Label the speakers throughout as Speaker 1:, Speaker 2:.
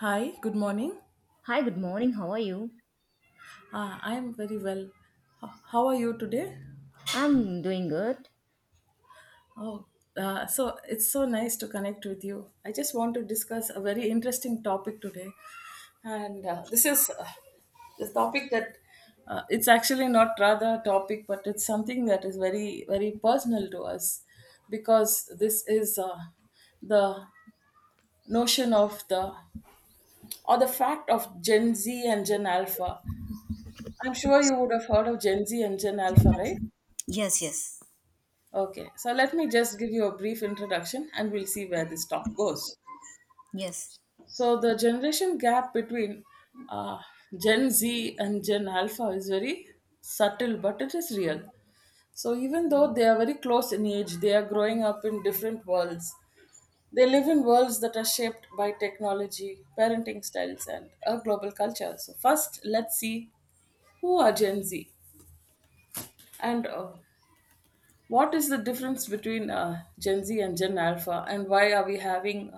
Speaker 1: Hi, good morning.
Speaker 2: Hi, good morning. How are you?
Speaker 1: I am very well. How are you today?
Speaker 2: I'm doing good.
Speaker 1: Oh, so it's so nice to connect with you. I just want to discuss a very interesting topic today, and this topic that it's actually not rather a topic, but it's something that is very very personal to us, because this is the notion of the or the fact of Gen Z and Gen Alpha. I'm sure you would have heard of Gen Z and Gen Alpha, right?
Speaker 2: Yes, yes,
Speaker 1: Okay, so let me just give you a brief introduction and we'll see where this talk goes.
Speaker 2: yes.
Speaker 1: So, the generation gap between uh, Gen Z and Gen Alpha is very subtle, but it is real. So, even though they are very close in age, they are growing up in different worlds. They live in worlds that are shaped by technology, parenting styles, and a global culture. So, first, let's see who are Gen Z and what is the difference between Gen Z and Gen Alpha, and why are we having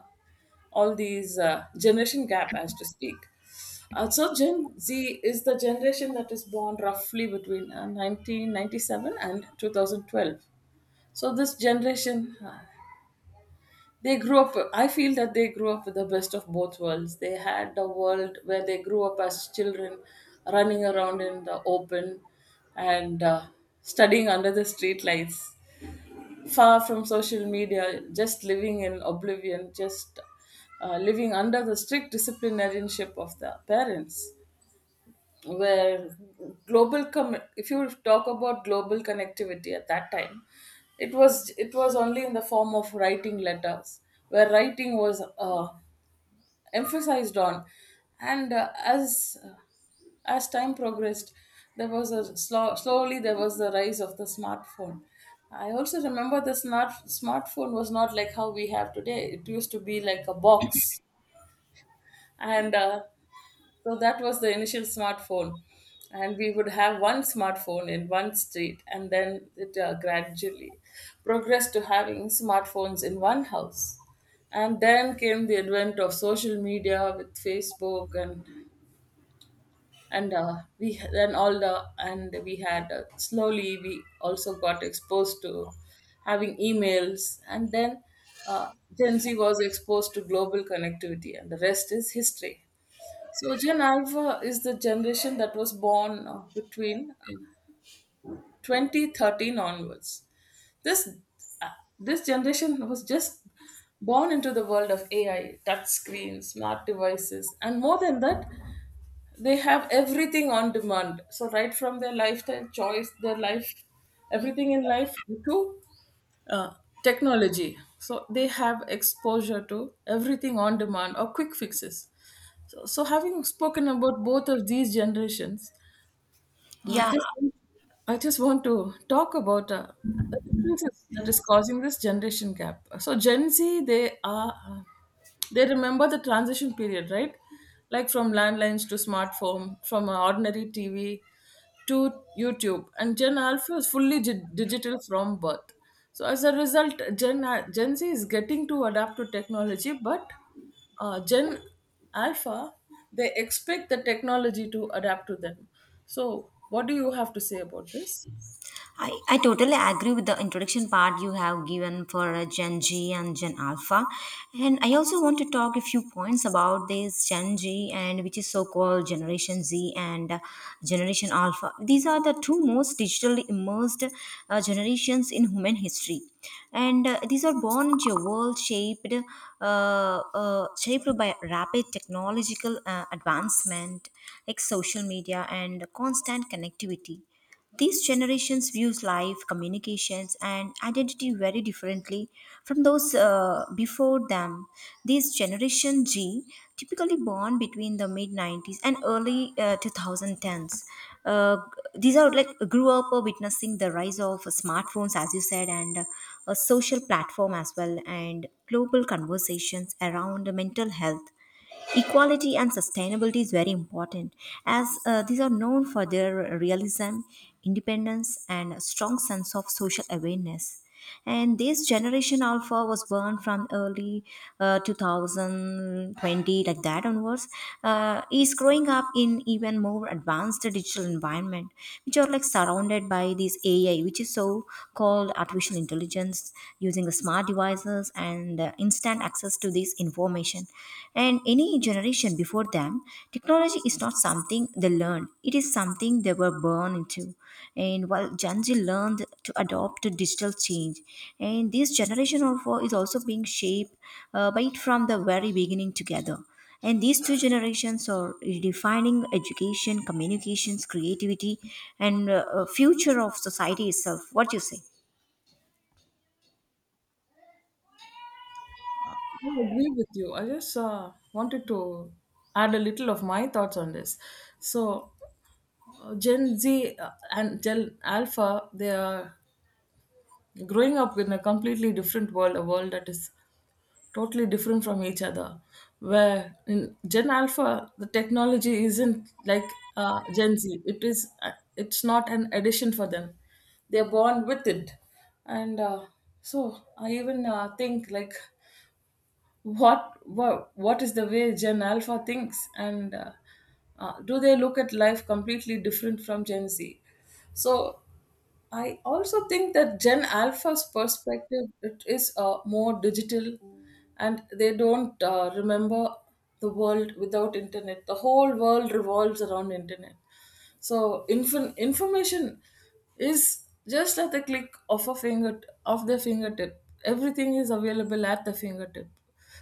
Speaker 1: all these generation gap, as to speak? So Gen Z is the generation that is born roughly between 1997 and 2012. So this generation, they grew up. I feel that they grew up with the best of both worlds. They had the world where they grew up as children, running around in the open, and studying under the street lights, far from social media, just living in oblivion, just living under the strict disciplinarianship of the parents. Where global, if you talk about global connectivity at that time, it was only in the form of writing letters, where writing was emphasized on, and as time progressed, there was a slowly there was the rise of the smartphone. I also remember the smartphone was not like how we have today. It used to be like a box, and so that was the initial smartphone. And we would have one smartphone in one street, and then it gradually progressed to having smartphones in one house. And then came the advent of social media with Facebook, and we then all the and we had, slowly we also got exposed to having emails, and then uh, Gen Z was exposed to global connectivity, and the rest is history. So Gen Alpha is the generation that was born between 2013 onwards. This uh, this generation was just born into the world of AI, touch screens, smart devices, and more than that, they have everything on demand. So right from their lifestyle choice, their life, everything in life, to uh, technology, so they have exposure to everything on demand or quick fixes. So, having spoken about both of these generations, I
Speaker 2: Yeah,
Speaker 1: just I just want to talk about the differences that is causing this generation gap. So Gen Z, they are, they remember the transition period, right? Like from landlines to smartphone, from an ordinary TV to YouTube, and Gen Alpha is fully digital from birth. So as a result, Gen Z is getting to adapt to technology, but Gen Alpha, they expect the technology to adapt to them. So, what do you have to say about this?
Speaker 2: I, I totally agree with the introduction part you have given for Gen G and Gen Alpha. And I also want to talk a few points about this Gen G and which is so called Generation Z and Generation Alpha. These are the two most digitally immersed generations in human history. And these are born into a world shaped by rapid technological advancement, like social media and constant connectivity. These generations views life, communications, and identity very differently from those before them. This generation G, typically born between the mid 90s and early 2010s, uh, these are like grew up witnessing the rise of smartphones, as you said, and a social platform as well, and global conversations around mental health, equality and sustainability is very important, as these are known for their realism, independence, and a strong sense of social awareness. And this generation alpha was born from early 2020, like that onwards, is growing up in even more advanced digital environment, which are like surrounded by this AI, which is so called artificial intelligence, using the smart devices tools and instant access to this information. And any generation before them, technology is not something they learned, it is something they were born into. And while Gen Z learned to adopt to digital change, and this generation of four is also being shaped by it from the very beginning together. And these two generations are redefining education, communications, creativity, and future of society itself. What do you say?
Speaker 1: I agree with you. I just wanted to add a little of my thoughts on this. So, Gen Z and Gen Alpha, they are growing up in a completely different world, a world that is totally different from each other. Where in Gen Alpha, the technology isn't like Gen Z. It is. It's not an addition for them. They're born with it, and so I even think like what is the way Gen Alpha thinks, and do they look at life completely different from Gen Z? So I also think that Gen Alpha's perspective, it is more digital, and they don't remember the world without internet. The whole world revolves around internet. So information is just at the click of a finger, of the fingertip. Everything is available at the fingertip.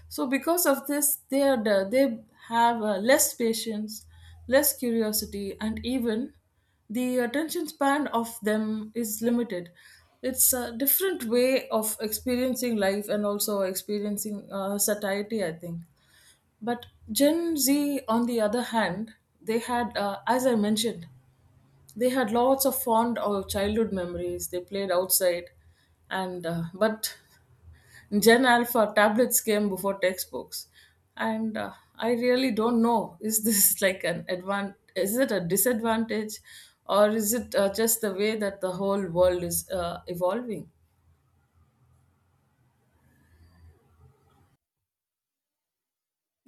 Speaker 1: So because of this, they have less patience, less curiosity, and even the attention span of them is limited. It's a different way of experiencing life and also experiencing satiety, I think. But Gen Z, on the other hand, they had, as I mentioned, they had lots of fond childhood memories. They played outside, and but Gen Alpha, tablets came before textbooks, and I really don't know, is this like an advan, is it a disadvantage, or is it just the way that the whole world is evolving?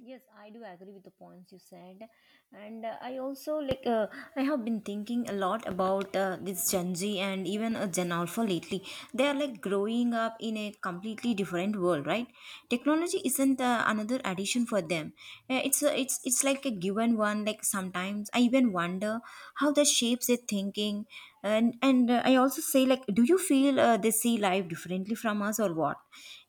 Speaker 2: Yes, I do agree with the points you said, and I also like I have been thinking a lot about this Gen Z and even Gen Alpha lately. They are like growing up in a completely different world, right? Technology isn't another addition for them. It's like a given one. Like sometimes I even wonder how that shapes their thinking, and I also say like, do you feel they see life differently from us or what?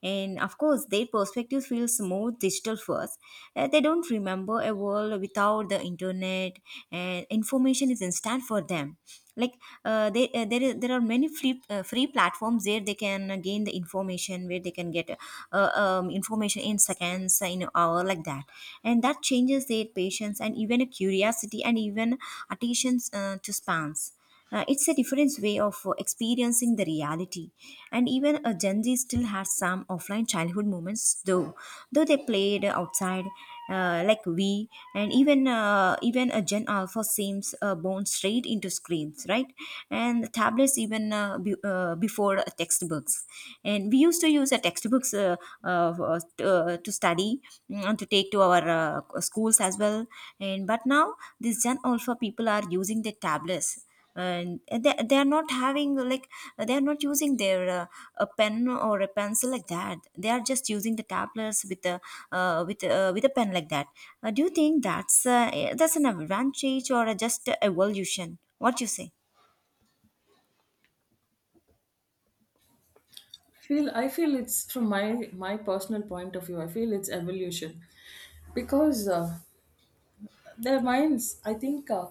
Speaker 2: And of course their perspective feels more digital first. They don't remember a world without the internet, and information is instant for them, like there are many free free platforms where they can gain the information, where they can get information in seconds in an hour like that, and that changes their patience and even a curiosity and even attention to spans. It's a different way of experiencing the reality. And even a Gen Z still has some offline childhood moments, though. Though they played outside, like we, and even a Gen Alpha seems born straight into screens, right? And tablets before textbooks. And we used to use textbooks uh, to study, mm, and to take to our schools as well. And but now these Gen Alpha people are using their tablets, and they are not having like they are not using their a pen or a pencil like that. They are just using the tablets with a with a pen like that. Do you think that's an advantage or just a evolution, what you say?
Speaker 1: I feel it's from my personal point of view. I feel it's evolution, because their minds, I think.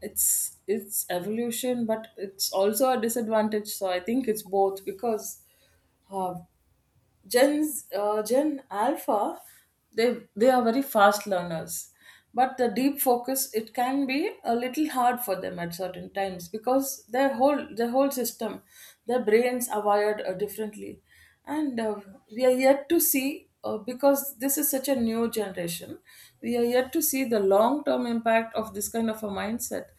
Speaker 1: It's evolution, but it's also a disadvantage, so I think it's both, because uh, Gen Alpha, they are very fast learners, but the deep focus, it can be a little hard for them at certain times, because their whole system, their brains are wired differently. And we are yet to see, because this is such a new generation, we are yet to see the long term impact of this kind of a mindset.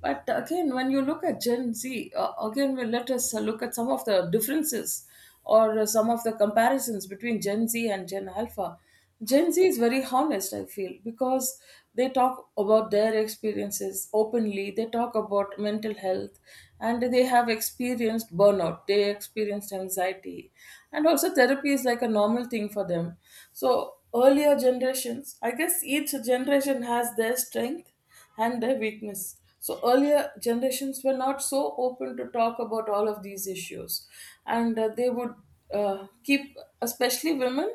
Speaker 1: But again, when you look at Gen Z, again, well, let us look at some of the differences or some of the comparisons between Gen Z and Gen Alpha. Gen Z is very honest, I feel, because they talk about their experiences openly, they talk about mental health, and they have experienced burnout, they experienced anxiety, and also therapy is like a normal thing for them. So, earlier generations, I guess each generation has their strength and their weakness. So earlier generations were not so open to talk about all of these issues, and they would keep, especially women,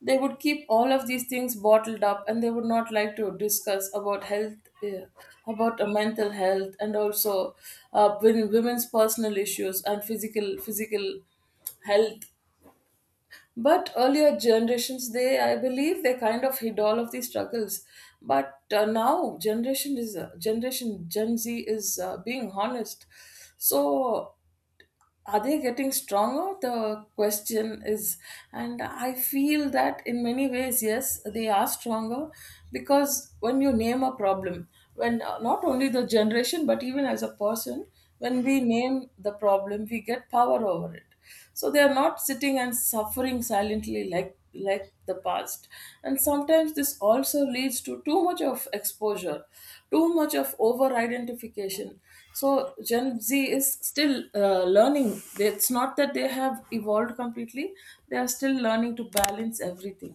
Speaker 1: they would keep all of these things bottled up, and they would not like to discuss about health, uh, about mental health, and also women's personal issues and physical health. But earlier generations, they, I believe they kind of hid all of these struggles. But now Gen Z is being honest. So are they getting stronger? The question is, and I feel that in many ways, yes, they are stronger, because when you name a problem, when not only the generation but even as a person, when we name the problem, we get power over it. So they are not sitting and suffering silently like the past. And sometimes this also leads to too much of exposure, too much of over identification. So Gen Z is still learning. It's not that they have evolved completely. They are still learning to balance everything.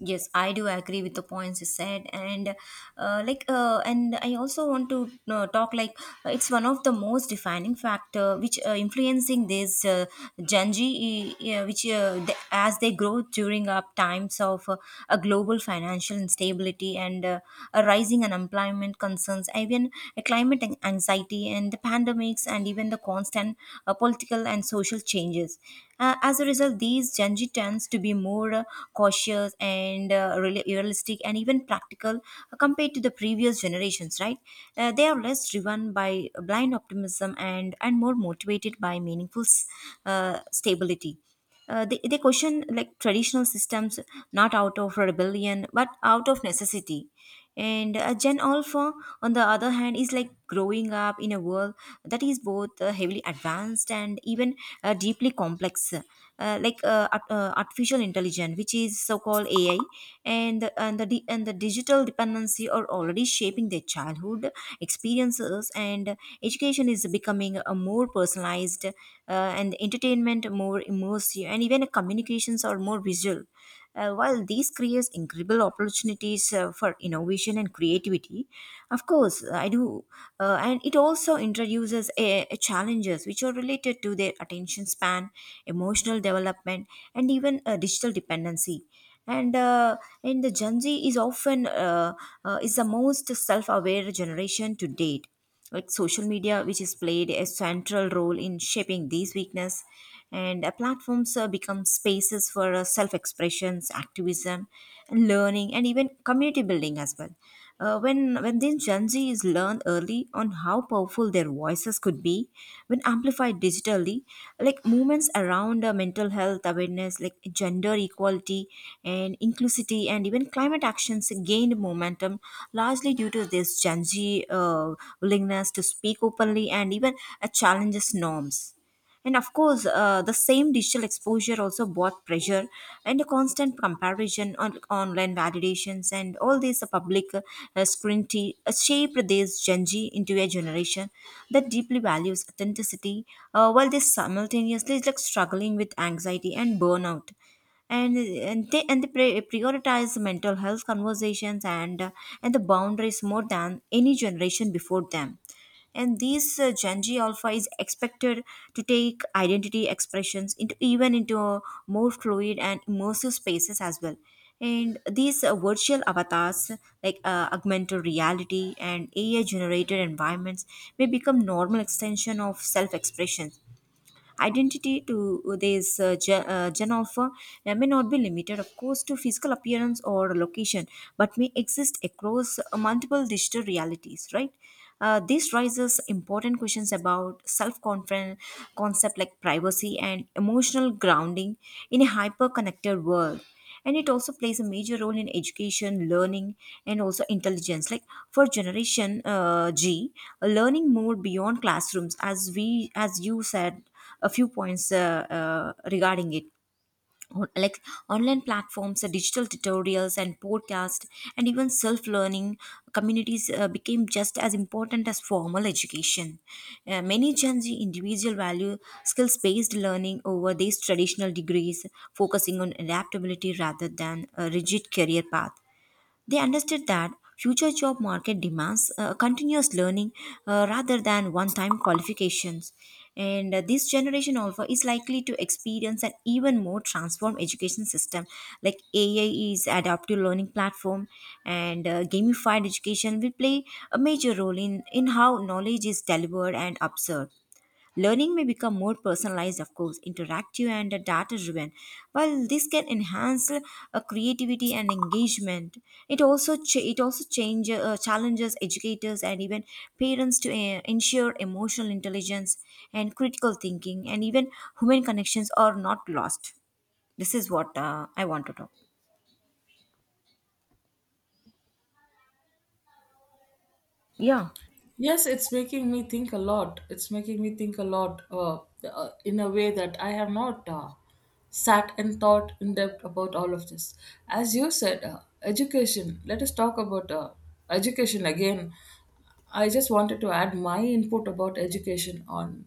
Speaker 2: Yes, I do agree with the points you said, and and I also want to talk like it's one of the most defining factor which influencing this Gen Z, which the as they grow during up times of a global financial instability and a rising unemployment concerns, even a climate anxiety and the pandemics, and even the constant political and social changes. As a result, these Gen Z tends to be more cautious and realistic and even practical compared to the previous generations, right? They are less driven by blind optimism and more motivated by meaningful stability. They question like traditional systems not out of rebellion but out of necessity. And gen alpha on the other hand is like growing up in a world that is both heavily advanced and even deeply complex, artificial intelligence which is so called AI, and the digital dependency are already shaping their childhood experiences, and education is becoming a more personalized and entertainment and more immersive, and even communications are more visual. While these creates incredible opportunities for innovation and creativity, of course, I do, and it also introduces a challenges which are related to their attention span, emotional development, and even digital dependency. And the Gen Z is often is the most self-aware generation to date, like social media which has played a central role in shaping these weakness, and platforms become spaces for self-expressions, activism and learning and even community building as well. When this gen z is learned early on how powerful their voices could be when amplified digitally, like movements around mental health awareness, like gender equality and inclusivity and even climate actions gained momentum largely due to this gen z uh, willingness to speak openly and even challenges norms. And of course the same digital exposure also brought pressure and a constant comparison on online validations, and all these public scrutiny shaped this gen z into a generation that deeply values authenticity, while they simultaneously is like struggling with anxiety and burnout, and they prioritize mental health conversations and the boundaries more than any generation before them. And these Gen Z alpha is expected to take identity expressions into even into a more fluid and immersive spaces as well. And these virtual avatars, like augmented reality and AI generated environments, may become normal extension of self expression. Identity to this gen alpha may not be limited, of course, to physical appearance or location, but may exist across multiple digital realities, right? This raises important questions about self-confidence, concept like privacy and emotional grounding in a hyper-connected world, and it also plays a major role in education learning and also intelligence, like for generation g, learning more beyond classrooms, as we as you said a few points regarding it. On- like Online platforms, digital tutorials and podcast and even self-learning communities became just as important as formal education. Many gen z individual value skills-based learning over these traditional degrees, focusing on adaptability rather than a rigid career path. They understood that future job market demands continuous learning rather than one-time qualifications. And this generation also is likely to experience an even more transformed education system. Like AI is adaptive learning platform, and gamified education will play a major role in how knowledge is delivered and absorbed. Learning may become more personalized, of course, interactive and data driven. While this can enhance creativity and engagement, it also change, challenges educators and even parents to ensure emotional intelligence and critical thinking and even human connections are not lost. This is what I want to talk. Yeah.
Speaker 1: Yes, it's making me think a lot. It's making me think a lot, in a way that I have not sat and thought in depth about all of this. As you said, education, let us talk about education again. I just wanted to add my input about education on.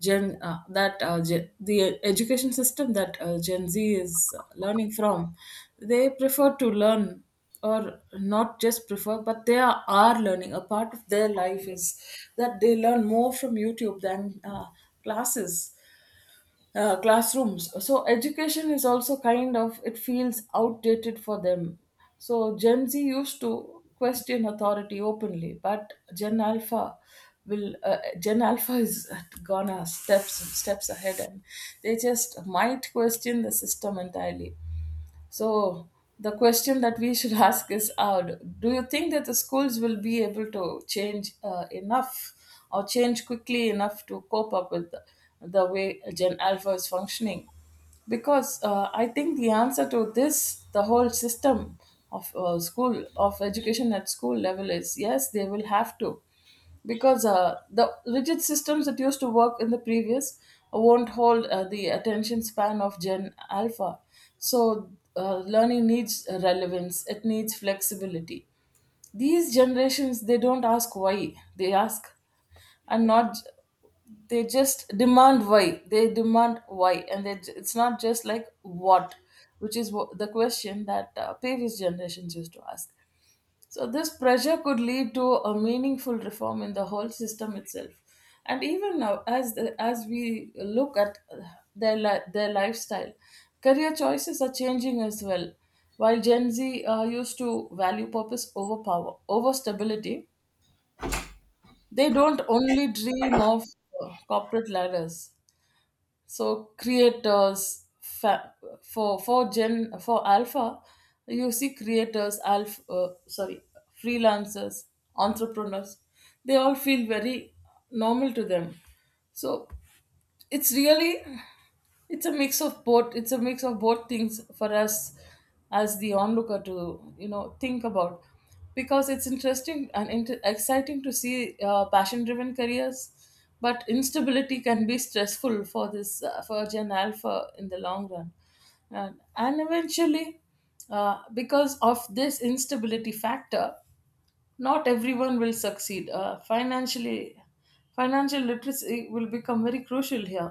Speaker 1: The education system that Gen Z is learning from, they prefer to learn, or not just prefer, but are learning. A part of their life is that they learn more from YouTube than classes classrooms. So education is also kind of, it feels outdated for them. So Gen Z used to question authority openly, but Gen Alpha will, Gen Alpha is gonna, steps ahead, and they just might question the system entirely. So the question that we should ask is, do you think that the schools will be able to change enough, or change quickly enough to cope up with the way Gen Alpha is functioning? Because I think the answer to this, the whole system of school, of education at school level is yes, they will have to, because the rigid systems that used to work in the previous won't hold the attention span of Gen Alpha. So learning needs relevance. It needs flexibility. These generations, they don't ask why, they ask, and not, they just demand why, and they, it's not just like what, which is the question that previous generations used to ask. So, this pressure could lead to a meaningful reform in the whole system itself. And even now, as we look at their lifestyle, career choices are changing as well. While Gen Z used to value purpose over power, over stability, they don't only dream of corporate ladders. So for alpha, you see, creators alpha , sorry, freelancers, entrepreneurs, they all feel very normal to them. So it's really, it's a mix of both things for us as the onlooker to think about, because it's interesting and exciting to see passion driven careers. But instability can be stressful for this for gen alpha in the long run. And eventually, because of this instability factor, not everyone will succeed financially. Financial literacy will become very crucial here.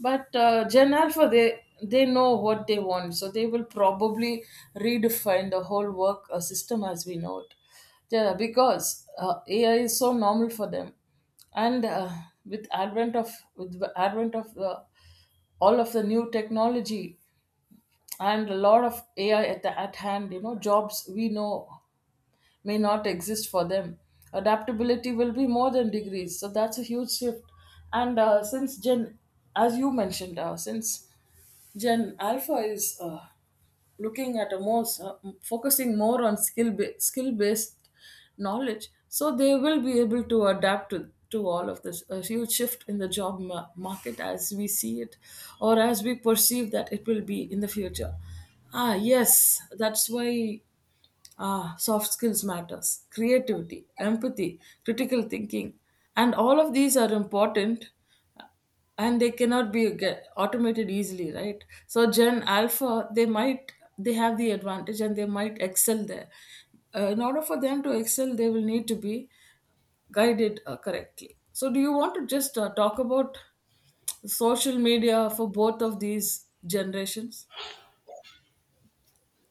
Speaker 1: But gen alpha, they know what they want, so they will probably redefine the whole work system as we know it. Yeah, because ai is so normal for them. And with advent of with the advent of the all of the new technology and a lot of ai at hand, you know, jobs we know may not exist for them. Adaptability will be more than degrees, so that's a huge shift. And as you mentioned, since Gen Alpha is looking at a more focusing more on skill based knowledge, so they will be able to adapt to all of this, a huge shift in the market as we see it, or as we perceive that it will be in the future. Ah yes, that's why. Ah, soft skills matters, creativity, empathy, critical thinking, and all of these are important, and they cannot be get automated easily, right? So gen alpha, they have the advantage and they might excel there. In order for them to excel, they will need to be guided correctly. So do you want to just talk about social media for both of these generations?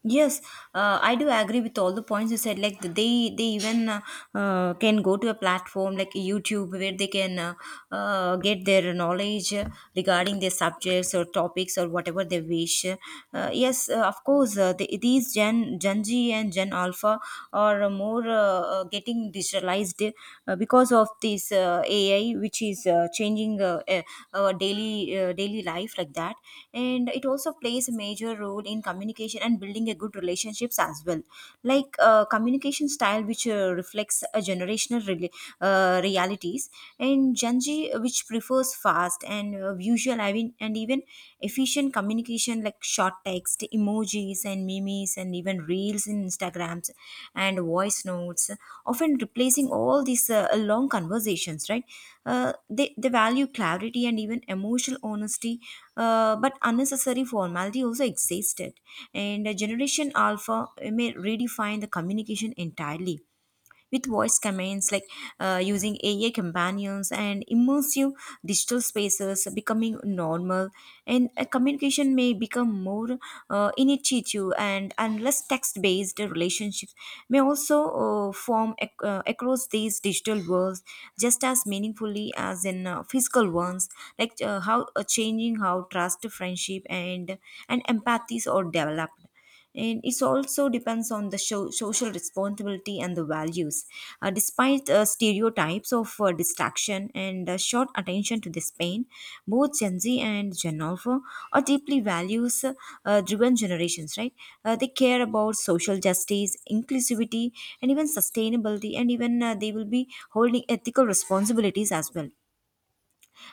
Speaker 2: Yes, I do agree with all the points you said. They even can go to a platform like YouTube where they can get their knowledge regarding their subjects or topics or whatever they wish. Yes, these Gen Z and Gen Alpha are more getting digitalized because of this AI, which is changing our daily daily life like that. And it also plays a major role in communication and building a good relationships as well. Like communication style, which reflects a generational realities, and Gen Z, which prefers fast and visual, I mean, and even efficient communication like short text emojis and memes and even reels in instagrams and voice notes often replacing all these long conversations, right? uh, they value clarity and even emotional honesty, but unnecessary formality also existed. And generation alpha may redefine the communication entirely with voice commands, like using AI companions and immersive digital spaces becoming normal, and communication may become more initiative, and less text-based relationships may also across these digital worlds just as meaningfully as in physical ones, like how changing how trust, friendship, and empathies are developed. And it also depends on the show, social responsibility and the values. Despite stereotypes of distraction and short attention to the span, both Gen Z and Gen Alpha are deeply values driven generations, right? They care about social justice, inclusivity, and even sustainability, and even they will be holding ethical responsibilities as well.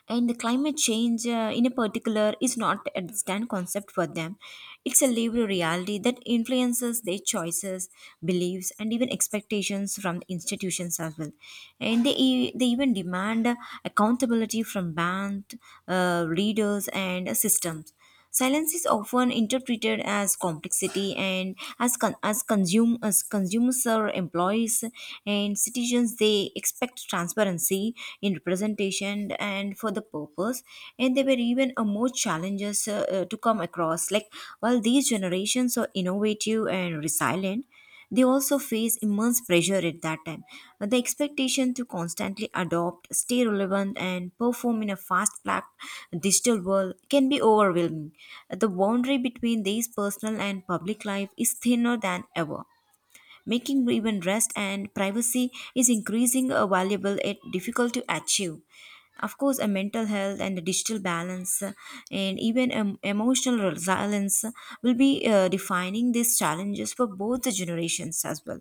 Speaker 2: And the climate change in a particular is not a distant concept for them. It's a lived reality that influences their choices, beliefs and even expectations from the institutions as well. And they even demand accountability from band, leaders and systems. Silence is often interpreted as complexity, and as consumers or employees and citizens, they expect transparency in representation and for the purpose. And there were even a more challenges to come across. Like while these generations are innovative and resilient, they also face immense pressure at that time. The expectation to constantly adopt, stay relevant, and perform in a digital world can be overwhelming. The boundary between these personal and public life is thinner than ever, making even rest and privacy is increasing valuable yet difficult to achieve. Of course, a mental health and a digital balance and even emotional resilience will be defining these challenges for both the generations as well.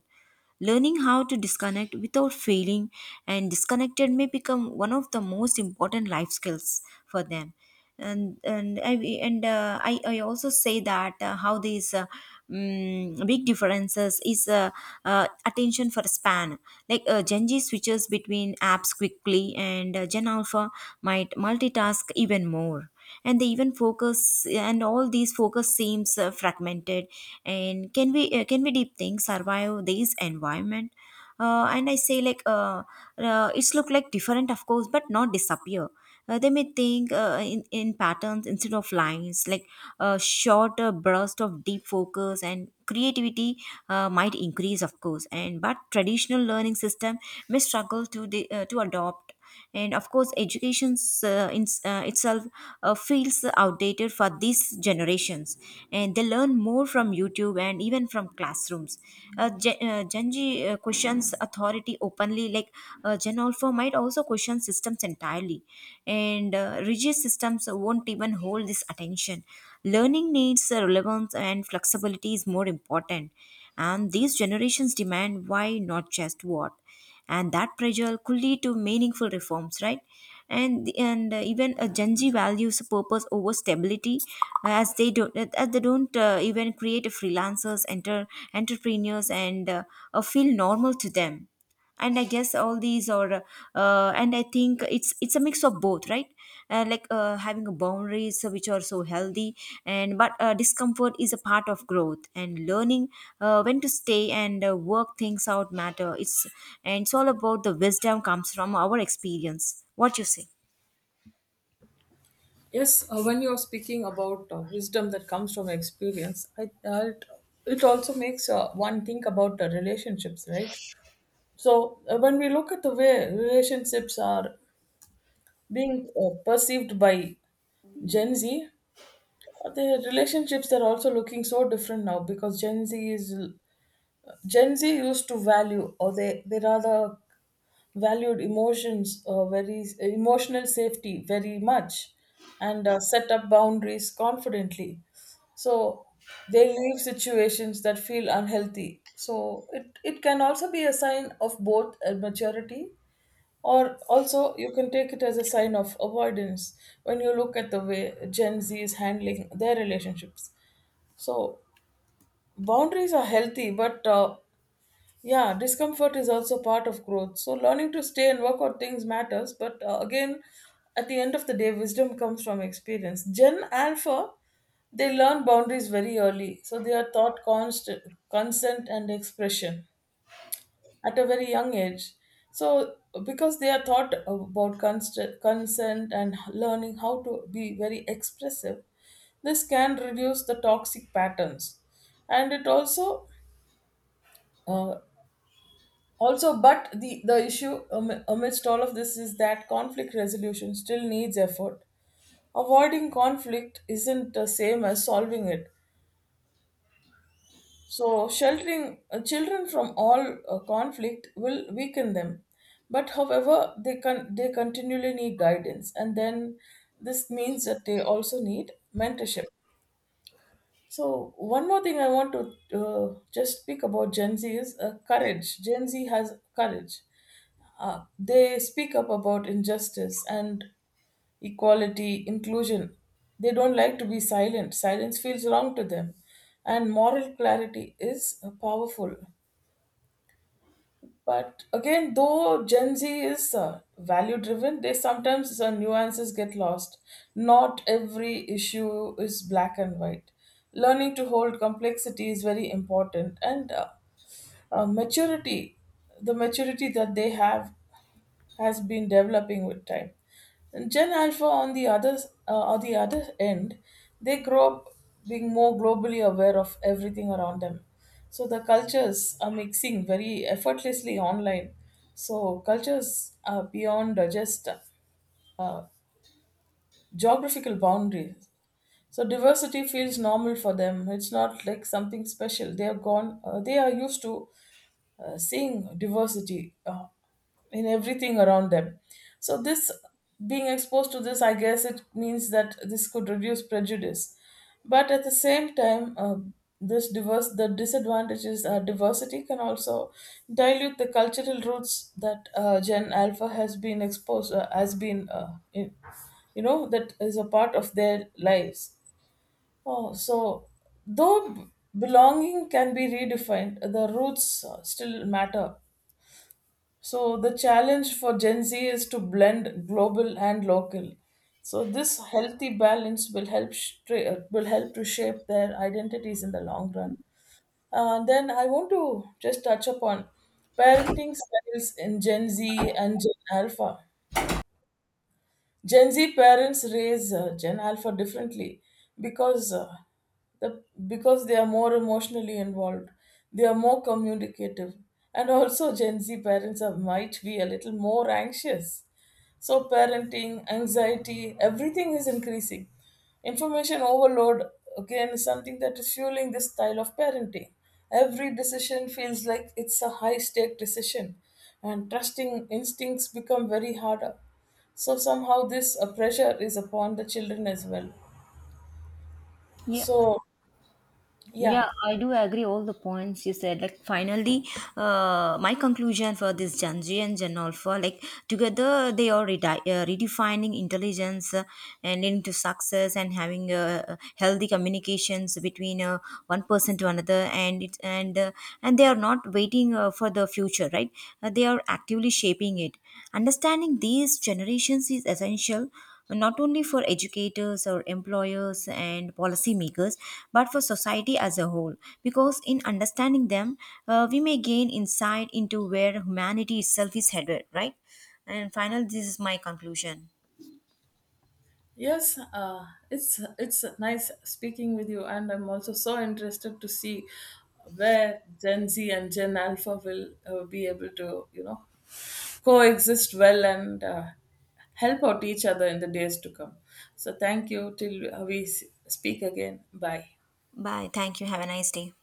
Speaker 2: Learning how to disconnect without feeling and disconnected may become one of the most important life skills for them. And I also say that how these big differences is attention for span. Like Gen Z switches between apps quickly, and Gen Alpha might multitask even more, and they even focus and all these focus seems fragmented. And can we deep think survive this environment? And I say, like it's look like different, of course, but not disappear. They may think in patterns instead of lines, like a shorter burst of deep focus and creativity might increase, of course. And but traditional learning system may struggle to to adopt shift. And of course, education itself feels outdated for these generations, and they learn more from youtube and even from classrooms. Gen z questions authority openly, like gen alpha might also question systems entirely. And rigid systems won't even hold this attention. Learning needs relevance, and flexibility is more important. And these generations demand why, not just what, and that pressure could lead to meaningful reforms, right? And Even Gen Z values purpose over stability. As they don't even create freelancers, enter entrepreneurs and feel normal to them. And I guess all these are and I think it's a mix of both, right? Like having a boundaries which are so healthy, and but discomfort is a part of growth and learning when to stay and work things out matter, it's and it's all about the wisdom comes from our experience, what you say.
Speaker 1: Yes, when you are speaking about wisdom that comes from experience, it also makes one think about relationships, right? So when we look at the way relationships are being perceived by Gen Z, the relationships they're also looking so different now, because Gen Z used to value, or they rather valued emotions, very emotional safety very much, and set up boundaries confidently. So they leave situations that feel unhealthy. So it can also be a sign of both maturity, or also you can take it as a sign of avoidance when you look at the way Gen Z is handling their relationships. So boundaries are healthy, but yeah, discomfort is also part of growth. So learning to stay and work on things matters. But again, at the end of the day, wisdom comes from experience. Gen Alpha, they learn boundaries very early. So they are taught consent and expression at a very young age. So because they are taught about consent and learning how to be very expressive, this can reduce the toxic patterns, and it also uh, Also, but the issue amidst all of this is that conflict resolution still needs effort. Avoiding conflict isn't the same as solving it. So sheltering children from all conflict will weaken them. But however, they continually need guidance, and then this means that they also need mentorship. So one more thing I want to just speak about Gen Z is courage. Gen Z has courage. They speak up about injustice and equality, inclusion. They don't like to be silent. Silence feels wrong to them. And moral clarity is powerful. But again, though Gen Z is value driven, they sometimes nuances get lost. Not every issue is black and white. Learning to hold complexity is very important, and uh, maturity, the maturity that they have has been developing with time. And Gen Alpha, on the other end, they grow up being more globally aware of everything around them. So the cultures are mixing very effortlessly online. So cultures are beyond just uh, geographical boundaries. So diversity feels normal for them. It's not like something special. They are gone. They are used to seeing diversity in everything around them. So this being exposed to this, I guess it means that this could reduce prejudice, but at the same time, this diverse the disadvantages are diversity can also dilute the cultural roots that Gen Alpha has been you know, that is a part of their lives. Oh, so though b- belonging can be redefined, the roots still matter. So the challenge for Gen Z is to blend global and local. So this healthy balance will will help to shape their identities in the long run. Then I want to just touch upon parenting styles in Gen Z and Gen Alpha. Gen Z parents raise Gen Alpha differently because uh, because they are more emotionally involved. They are more communicative, and also Gen Z parents are, might be a little more anxious. So parenting, anxiety, everything is increasing. Information overload again is something that is fueling this style of parenting. Every decision feels like it's a high stake decision, and trusting instincts become very harder. So somehow this pressure is upon the children as well.
Speaker 2: Yeah.
Speaker 1: So
Speaker 2: Yeah,
Speaker 1: yeah,
Speaker 2: I do agree all the points you said. Like finally, my conclusion for this Janji and Jan Alpha, like together they are redefining intelligence and leading to success and having healthy communications between one person to another, and it and they are not waiting for the future, right? They are actively shaping it. Understanding these generations is essential not only for educators or employers and policymakers, but for society as a whole. Because in understanding them, we may gain insight into where humanity itself is headed, right? And finally, this is my conclusion.
Speaker 1: yes, it's nice speaking with you, and I'm also so interested to see where Gen Z and Gen Alpha will be able to, you know, coexist well and help out each other in the days to come. So thank you till we speak again. Bye.
Speaker 2: Bye. Thank you. Have a nice day.